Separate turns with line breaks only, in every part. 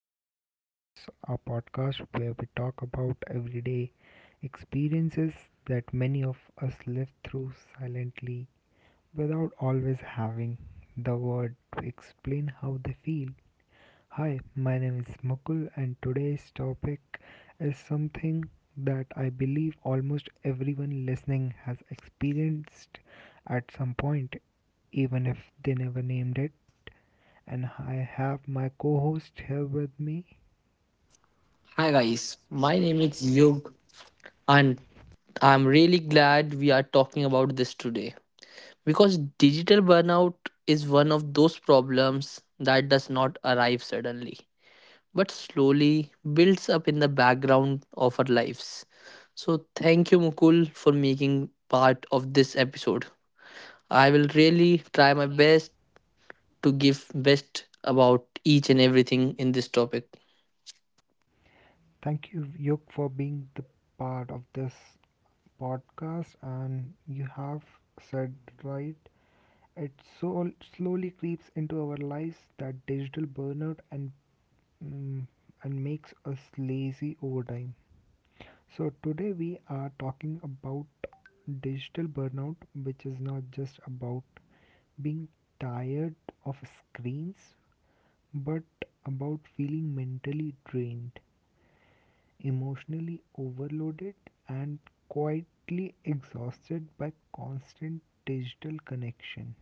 back to Office Hours, a podcast where we talk about everyday experiences that many of us live through silently without always having the word to explain how they feel. Hi, my name is Mukul, and today's topic is something that I believe almost everyone listening has experienced at some point, even if they never named it, and I have my co host here with me.
Hi guys, my name is Yug and I'm really glad we are talking about this today because digital burnout is one of those problems that does not arrive suddenly but slowly builds up in the background of our lives. So thank you Mukul for making part of this episode. I will really try my best to give best about each and everything in this topic.
Thank you, Yuk, for being the part of this podcast. And you have said right, it so slowly creeps into our lives, that digital burnout and mm, and makes us lazy over time. So today we are talking about digital burnout, which is not just about being tired of screens, but about feeling mentally drained, emotionally overloaded, and quietly exhausted by constant digital connection.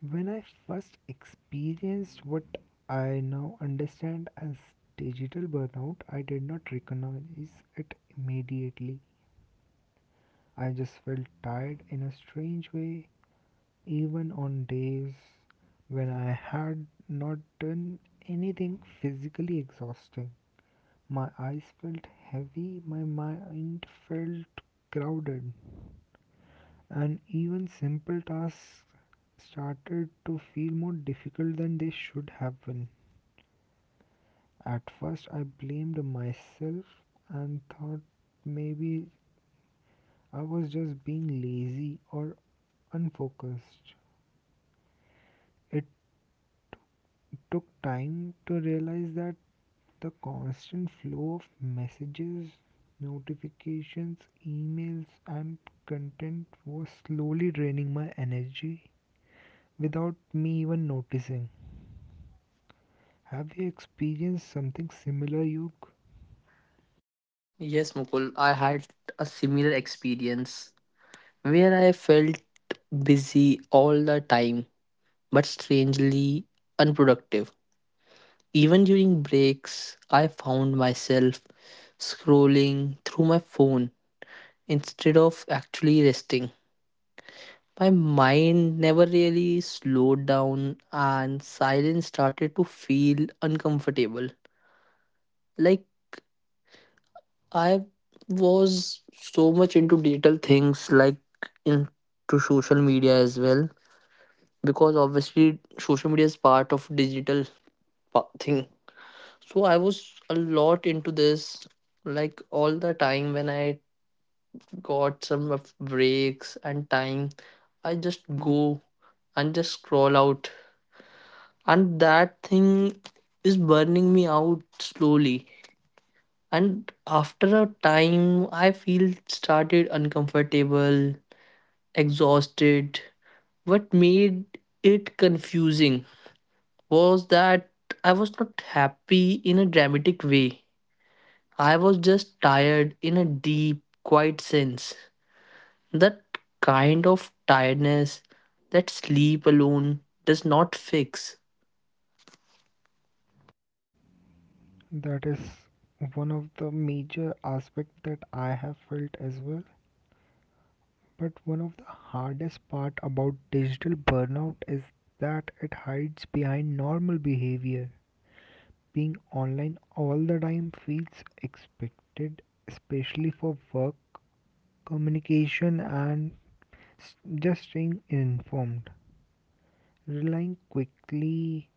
When I first experienced what I now understand as digital burnout, I did not recognize it immediately. I just felt tired in a strange way, even on days when I had not done anything physically exhausting. My eyes felt heavy, my mind felt crowded, and even simple tasks started to feel more difficult than they should have been. At first, I blamed myself and thought maybe I was just being lazy or unfocused. It took time to realize that the constant flow of messages, notifications, emails, and content was slowly draining my energy without me even noticing. Have you experienced something similar, Yug?
Yes, Mukul, I had a similar experience where I felt busy all the time but strangely unproductive. Even during breaks, I found myself scrolling through my phone instead of actually resting. My mind never really slowed down, and silence started to feel uncomfortable. Like I was so much into digital things, like into social media as well, because obviously social media is part of digital thing. So I was a lot into this, like all the time when I got some of breaks and time, I just go and just scroll out, and that thing is burning me out slowly. And after a time, I feel started uncomfortable, exhausted. What made it confusing was that I was not happy in a dramatic way. I was just tired in a deep, quiet sense. That kind of tiredness that sleep alone does not fix.
That is one of the major aspects that I have felt as well. But one of the hardest part about digital burnout is that it hides behind normal behavior. Being online all the time feels expected, especially for work, communication, and just staying informed. Relying quickly,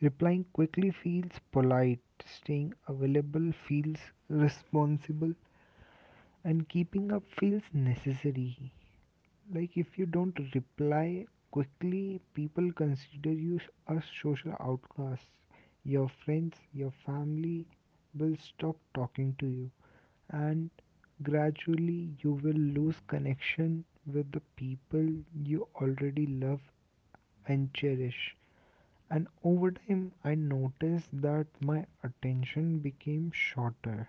replying quickly feels polite, staying available feels responsible, and keeping up feels necessary. Like if you don't reply quickly, people consider you a social outcast. Your friends, your family will stop talking to you, and gradually you will lose connection with the people you already love and cherish. And over time, I noticed that my attention became shorter,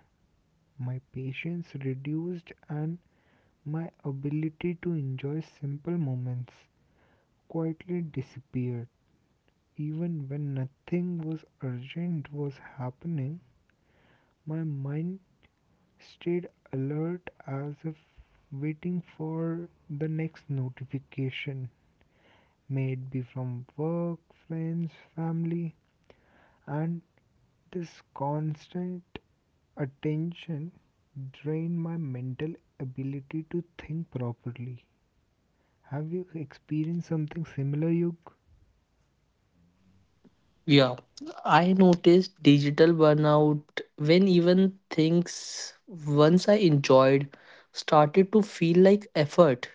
my patience reduced, and my ability to enjoy simple moments quietly disappeared. Even when nothing was urgent was happening, my mind stayed alert as if waiting for the next notification, may it be from work, friends, family, and this constant attention drained my mental ability to think properly. Have you experienced something similar, Yug?
Yeah, I noticed digital burnout when even things once I enjoyed started to feel like effort.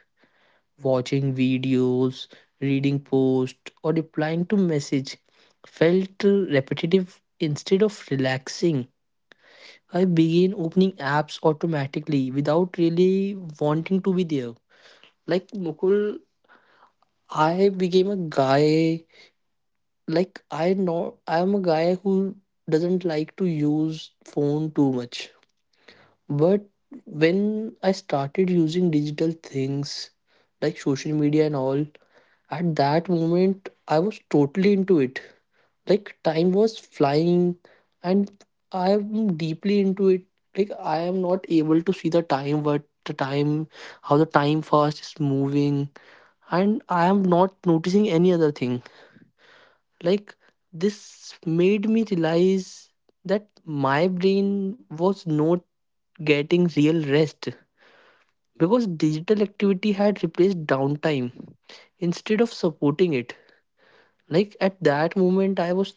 Watching videos, reading posts, or replying to message felt repetitive instead of relaxing. I began opening apps automatically without really wanting to be there. Like Mukul, I became a guy. Like I know I am a guy who doesn't like to use phone too much. But when I started using digital things like social media and all, at that moment, I was totally into it. Like, time was flying, and I am deeply into it. Like, I am not able to see the time, what the time, how the time fast is moving, and I am not noticing any other thing. Like, this made me realize that my brain was not getting real rest because digital activity had replaced downtime instead of supporting it. Like at that moment, I was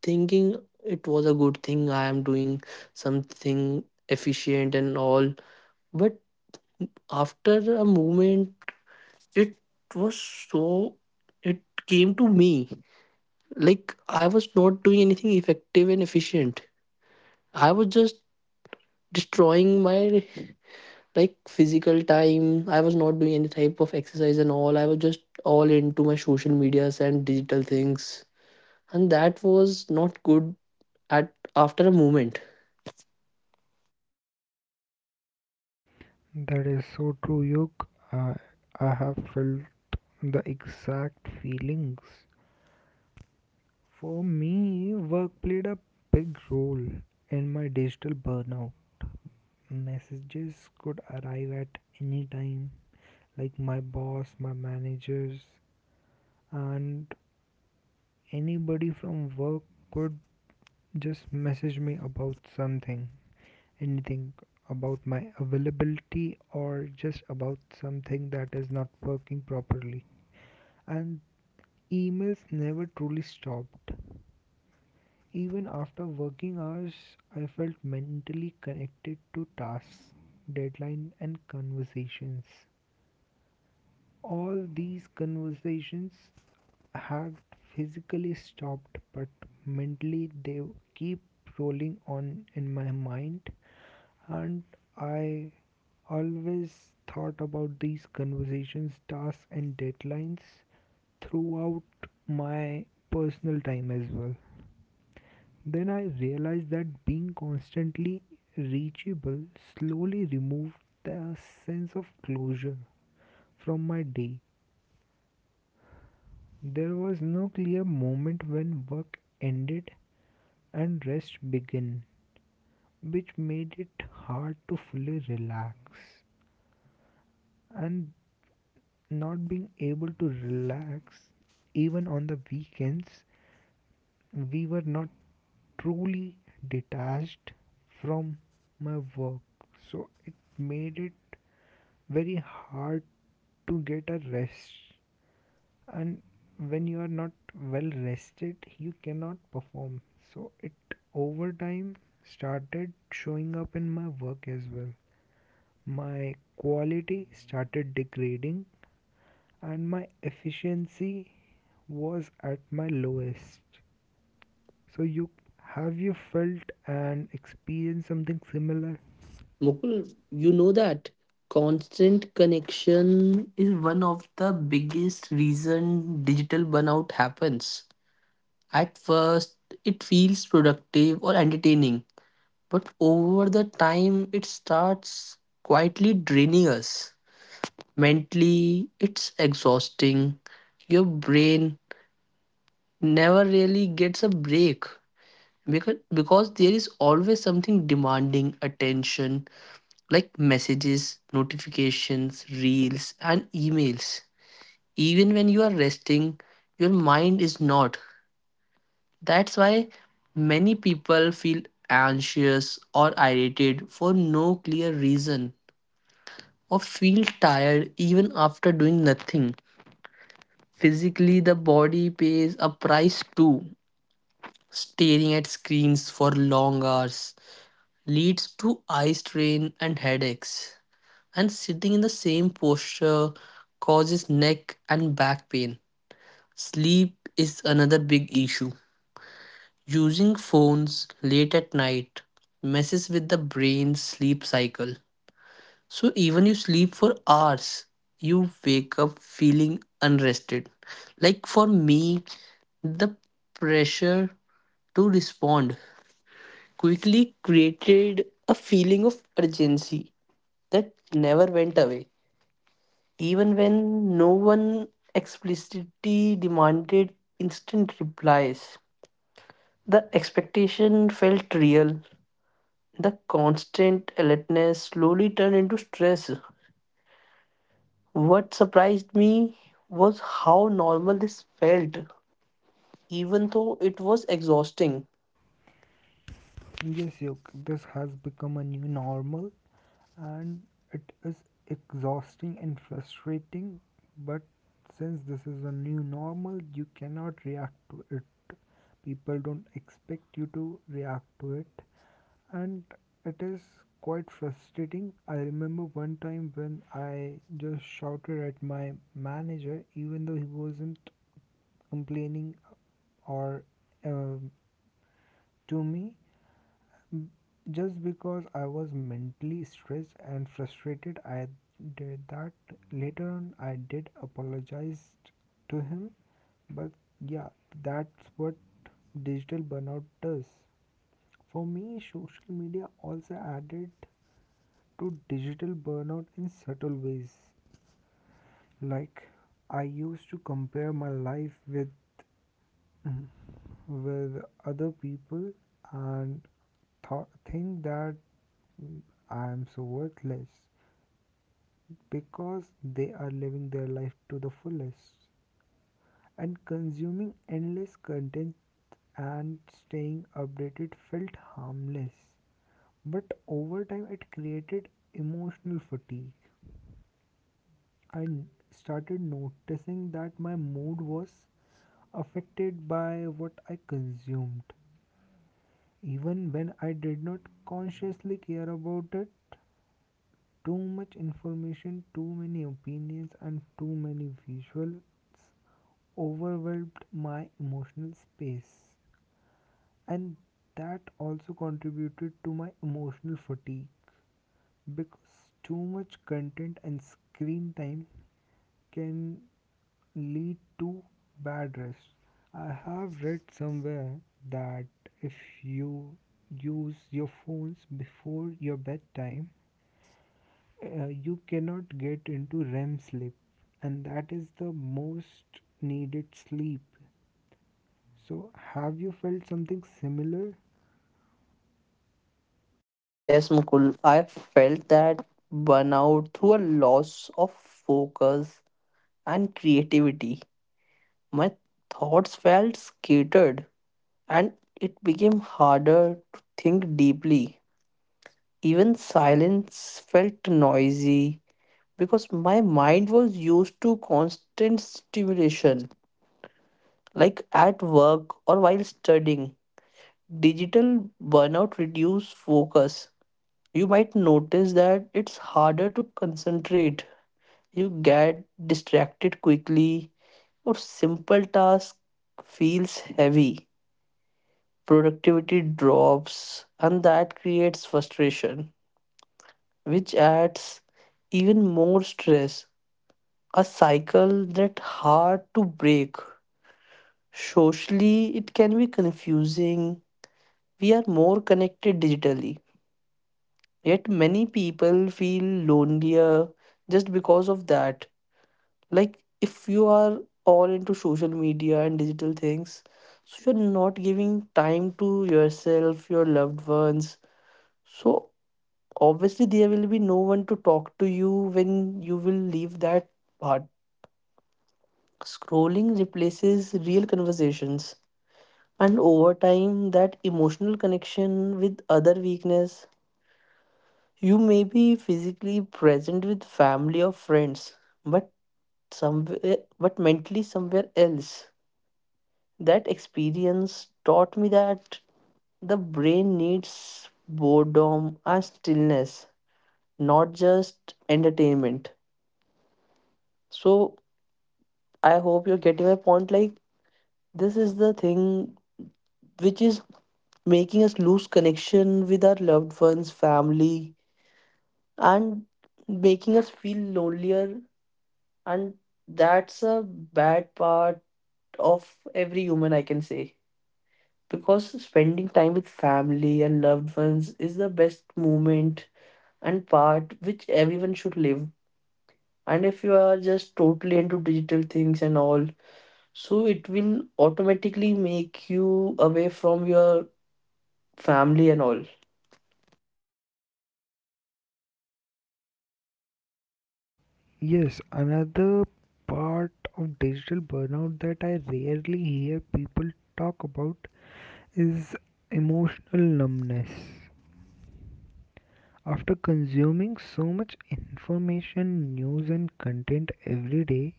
thinking it was a good thing, I am doing something efficient and all, but after a moment, it was so, it came to me like I was not doing anything effective and efficient. I was just destroying my, like, physical time. I was not doing any type of exercise and all. I was just all into my social medias and digital things, and that was not good at after a moment.
That is so true, Yuk. I have felt the exact feelings. For me, work played a big role in my digital burnout. Messages could arrive at any time, like my boss, my managers, and anybody from work could just message me about something, anything about my availability or just about something that is not working properly, and emails never truly stopped. Even after working hours, I felt mentally connected to tasks, deadlines, and conversations. All these conversations had physically stopped, but mentally they keep rolling on in my mind, and I always thought about these conversations, tasks, and deadlines throughout my personal time as well. Then I realized that being constantly reachable slowly removed the sense of closure from my day. There was no clear moment when work ended and rest began, which made it hard to fully relax. And not being able to relax even on the weekends, we were not truly detached from my work, so it made it very hard to get a rest. And when you are not well rested, you cannot perform, so it over time started showing up in my work as well. My quality started degrading, and my efficiency was at my lowest. So you, have you felt and experienced something similar?
Mukul, you know that constant connection is one of the biggest reason digital burnout happens. At first, it feels productive or entertaining, but over the time it starts quietly draining us. Mentally, it's exhausting. Your brain never really gets a break because there is always something demanding attention, like messages, notifications, reels and emails. Even when you are resting, your mind is not. That's why many people feel anxious or irritated for no clear reason, or feel tired even after doing nothing. Physically, the body pays a price too. Staring at screens for long hours leads to eye strain and headaches. And sitting in the same posture causes neck and back pain. Sleep is another big issue. Using phones late at night messes with the brain's sleep cycle. So even you sleep for hours, you wake up feeling unrested. Like for me, the pressure to respond quickly created a feeling of urgency that never went away, even when no one explicitly demanded instant replies. The expectation felt real. The constant alertness slowly turned into stress. What surprised me was how normal this felt, even though it was exhausting.
Yes, Yuk, this has become a new normal, and it is exhausting and frustrating. But since this is a new normal, you cannot react to it. People don't expect you to react to it. And it is quite frustrating. I remember one time when I just shouted at my manager, even though he wasn't complaining or um to me, just because I was mentally stressed and frustrated. I did that. Later on, I did apologize to him, but yeah, that's what digital burnout does. For me, social media also added to digital burnout in subtle ways. Like I used to compare my life with other people, and think that I am so worthless because they are living their life to the fullest, and consuming endless content and staying updated felt harmless, but over time it created emotional fatigue. I started noticing that my mood was affected by what I consumed. Even when I did not consciously care about it, too much information, too many opinions, and too many visuals overwhelmed my emotional space. And that also contributed to my emotional fatigue, because too much content and screen time can lead to bad rest. I have read somewhere that if you use your phones before your bedtime, you cannot get into REM sleep, and that is the most needed sleep. So, have you felt something similar?
Yes, Mukul, I felt that burnout through a loss of focus and creativity. My thoughts felt scattered, and it became harder to think deeply. Even silence felt noisy because my mind was used to constant stimulation, like at work or while studying. Digital burnout reduces focus. You might notice that it's harder to concentrate. You get distracted quickly, or simple tasks feels heavy. Productivity drops, and that creates frustration, which adds even more stress. A cycle that hard to break. Socially, it can be confusing. We are more connected digitally, yet many people feel lonelier just because of that. Like if you are all into social media and digital things, so you're not giving time to yourself, your loved ones. So obviously there will be no one to talk to you when you will leave that part. Scrolling replaces real conversations, and over time that emotional connection with other weakness. You may be physically present with family or friends, but somewhere, but mentally somewhere else. That experience taught me that the brain needs boredom and stillness, not just entertainment. So I hope you're getting my point. Like, this is the thing which is making us lose connection with our loved ones, family, and making us feel lonelier. And that's a bad part of every human, I can say. Because spending time with family and loved ones is the best moment and part which everyone should live. And if you are just totally into digital things and all, so it will automatically make you away from your family and all.
Yes, another part of digital burnout that I rarely hear people talk about is emotional numbness. After consuming so much information, news, and content every day,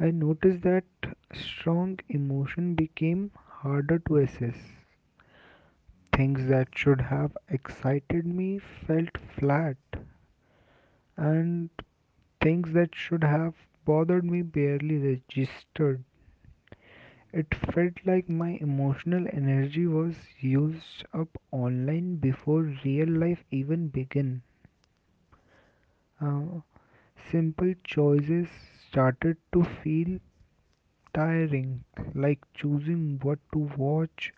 I noticed that strong emotion became harder to assess. Things that should have excited me felt flat, and things that should have bothered me barely registered. It felt like my emotional energy was used up online before real life even began. Uh, Simple choices started to feel tiring, like choosing what to watch,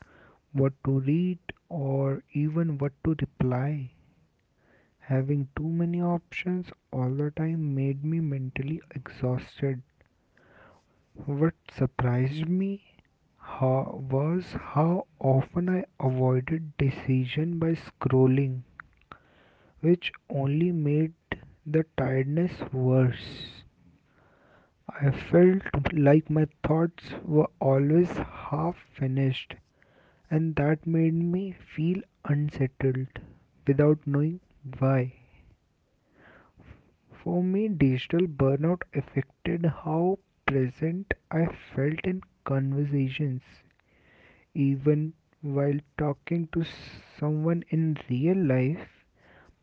what to read, or even what to reply. Having too many options all the time made me mentally exhausted. What surprised me was how often I avoided decision by scrolling, which only made the tiredness worse. I felt like my thoughts were always half finished, and that made me feel unsettled without knowing why. For me, digital burnout affected how present I felt in conversations. Even while talking to someone in real life,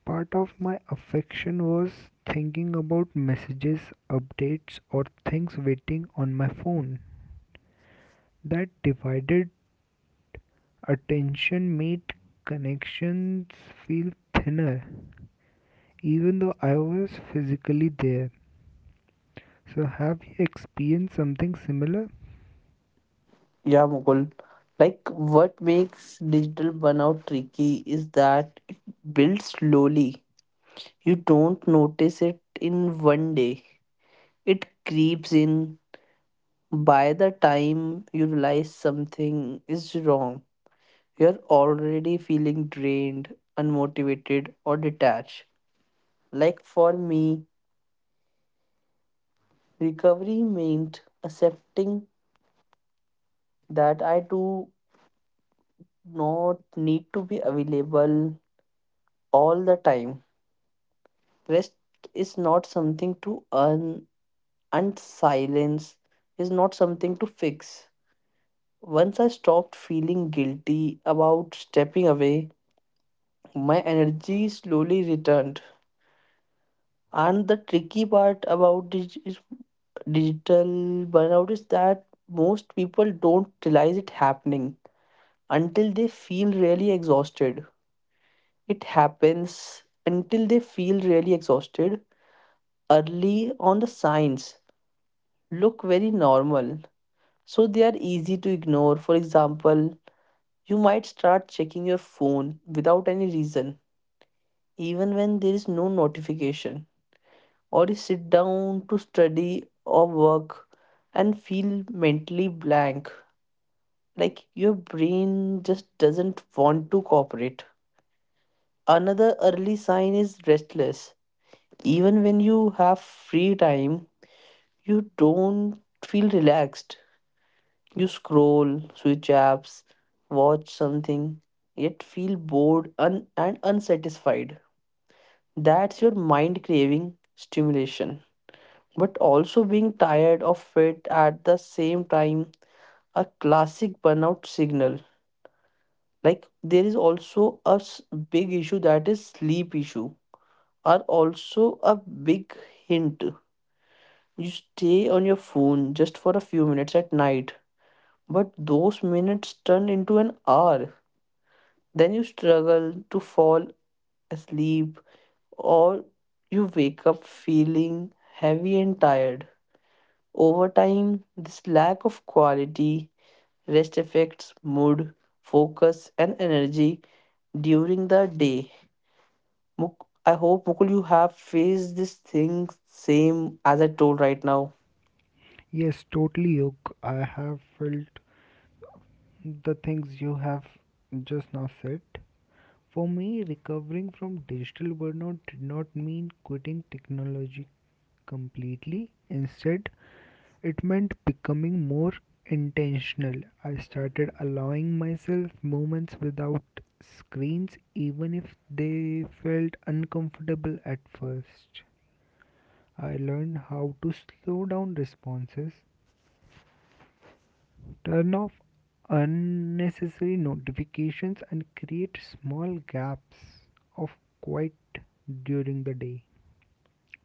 part of my affection was thinking about messages, updates, or things waiting on my phone. That divided attention made connections feel thinner, even though I was physically there. So, have you experienced something similar?
Yeah, Mukul. Like what makes digital burnout tricky is that it builds slowly. You don't notice it in one day. It creeps in. By the time you realize something is wrong, you're already feeling drained, unmotivated, or detached. Like for me, recovery meant accepting that I do not need to be available all the time. Rest is not something to earn, and silence is not something to fix. Once I stopped feeling guilty about stepping away, my energy slowly returned. And the tricky part about dig- is digital burnout is that most people don't realize it happening until they feel really exhausted. It happens until they feel really exhausted. Early on, the signs look very normal, so they are easy to ignore. For example, you might start checking your phone without any reason, even when there is no notification, or you sit down to study or work and feel mentally blank, like your brain just doesn't want to cooperate. Another early sign is restless, even when you have free time you don't feel relaxed. You scroll, switch apps, watch something, yet feel bored and unsatisfied. That's your mind craving stimulation, but also being tired of it at the same time, a classic burnout signal. Like there is also a big issue that is sleep issue, are also a big hint. You stay on your phone just for a few minutes at night, but those minutes turn into an hour. Then you struggle to fall asleep, or you wake up feeling heavy and tired. Over time, this lack of quality rest affects mood, focus, and energy during the day. I hope Mukul, you have faced this thing same as I told right now.
Yes, totally, Yog. I have felt the things you have just now said. For me, recovering from digital burnout did not mean quitting technology completely. Instead, it meant becoming more intentional. I started allowing myself moments without screens, even if they felt uncomfortable at first. I learned how to slow down responses, turn off unnecessary notifications, and create small gaps of quiet during the day.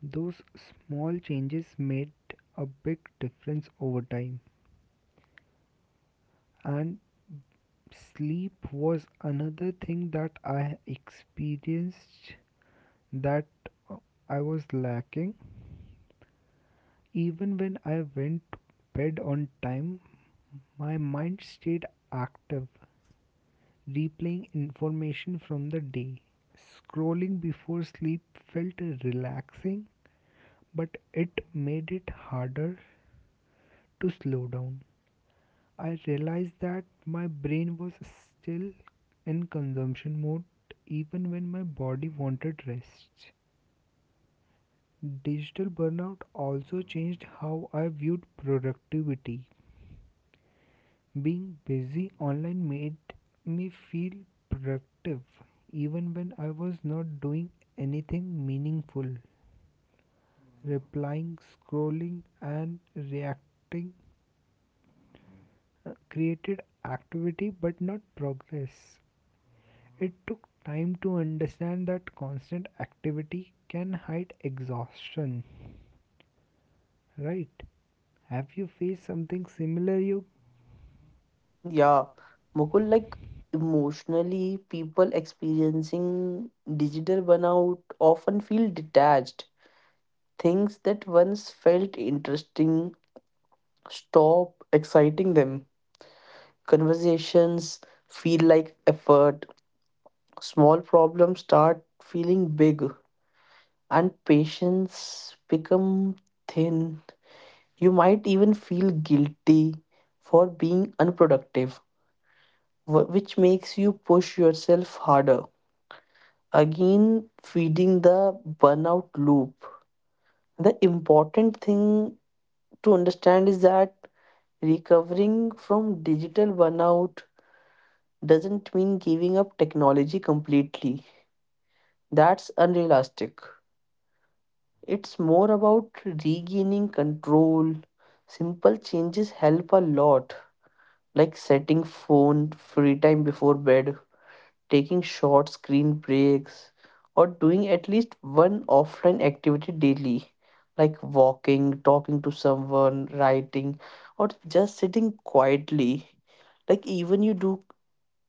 Those small changes made a big difference over time. And sleep was another thing that I experienced that uh, I was lacking. Even when I went to bed on time, my mind stayed active, replaying information from the day. Scrolling before sleep felt relaxing, but it made it harder to slow down. I realized that my brain was still in consumption mode even when my body wanted rest. Digital burnout also changed how I viewed productivity. Being busy online made me feel productive even when I was not doing anything meaningful. Replying, scrolling, and reacting created activity but not progress. It took time to understand that constant activity can hide exhaustion, right? Have you faced something similar, you?
Yeah, Mukul, like emotionally, people experiencing digital burnout often feel detached. Things that once felt interesting stop exciting them. Conversations feel like effort. Small problems start feeling big, and patience become thin. You might even feel guilty for being unproductive, which makes you push yourself harder, again feeding the burnout loop. The important thing to understand is that recovering from digital burnout doesn't mean giving up technology completely. That's unrealistic. It's more about regaining control. Simple changes help a lot, like setting phone free time before bed, taking short screen breaks, or doing at least one offline activity daily, like walking, talking to someone, writing, or just sitting quietly. Like even you do,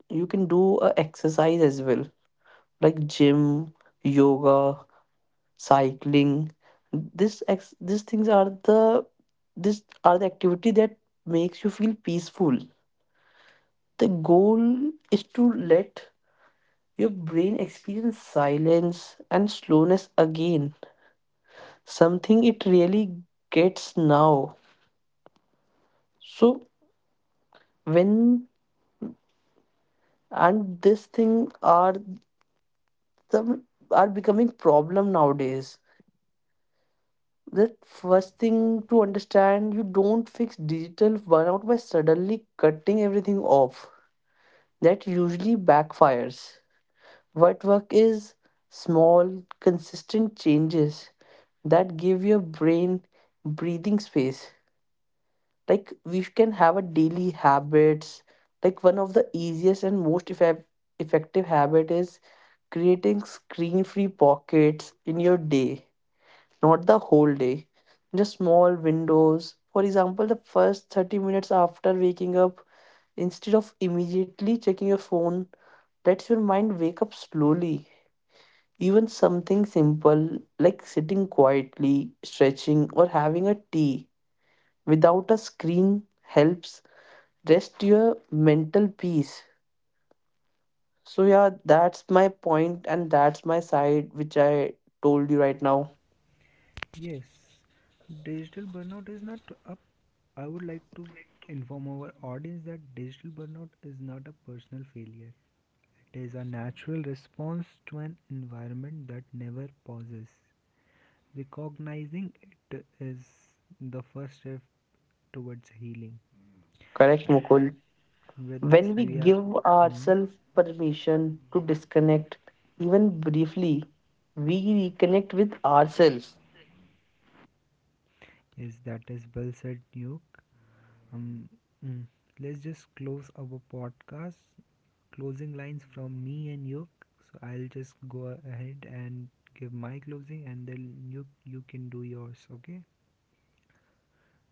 you can do a exercise as well, like gym, yoga, cycling. This ex these things are the These are the activity that makes you feel peaceful. The goal is to let your brain experiences silence and slowness again, something it really gets now. So when, and this thing are the, are becoming problem nowadays. The first thing to understand, you don't fix digital burnout by suddenly cutting everything off. That usually backfires. What work is small, consistent changes that give your brain breathing space. Like we can have a daily habits, like one of the easiest and most effective habit is creating screen free pockets in your day, not the whole day, just small windows. For example, the first 30 minutes after waking up instead of immediately checking your phone lets your mind wake up slowly. Even something simple like sitting quietly, stretching, or having a tea without a screen helps rest your mental peace. So yeah, that's my point and that's my side which I told you right now.
Yes, digital burnout is not up. I would like to inform our audience that digital burnout is not a personal failure. It is a natural response to an environment that never pauses. Recognizing it is the first step towards healing.
Correct, Mukul.
And with this,
When we
when we are. You
give
are. Hmm?
ourselves permission to disconnect, even briefly, we reconnect with ourselves.
Yes, that is well said, Nuke. Um, mm, let's just close our podcast. Closing lines from me and Nuke. So I'll just go ahead and give my closing, and then Nuke, you can do yours. Okay.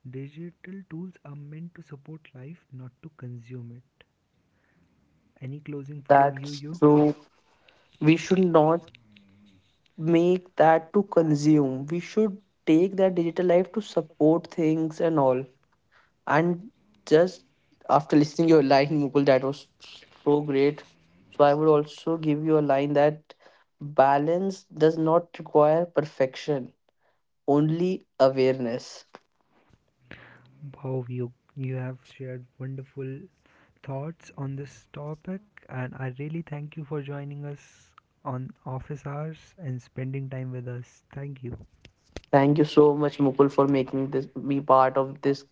Digital tools are meant to support life, not to consume it. Any closing from you,
That's
Yuke?
so, we should not make that to consume, we should take that digital life to support things and all. And just after listening your line, Mukul, that was so great. So I would also give you a line that balance does not require perfection, only awareness.
Wow, you have shared wonderful thoughts on this topic, and I really thank you for joining us on Office Hours and spending time with us. Thank you.
Thank you so much, Mukul, for making this be part of this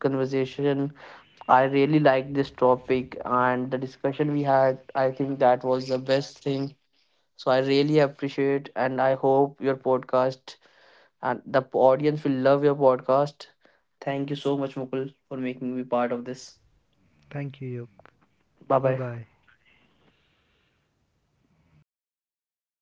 conversation. I really like this topic and the discussion we had. I think that was the best thing. So I really appreciate and I hope your podcast and the audience will love your podcast. Thank you so much, Mukul, for making me part of this.
Thank you.
Bye
Bye
bye.
bye.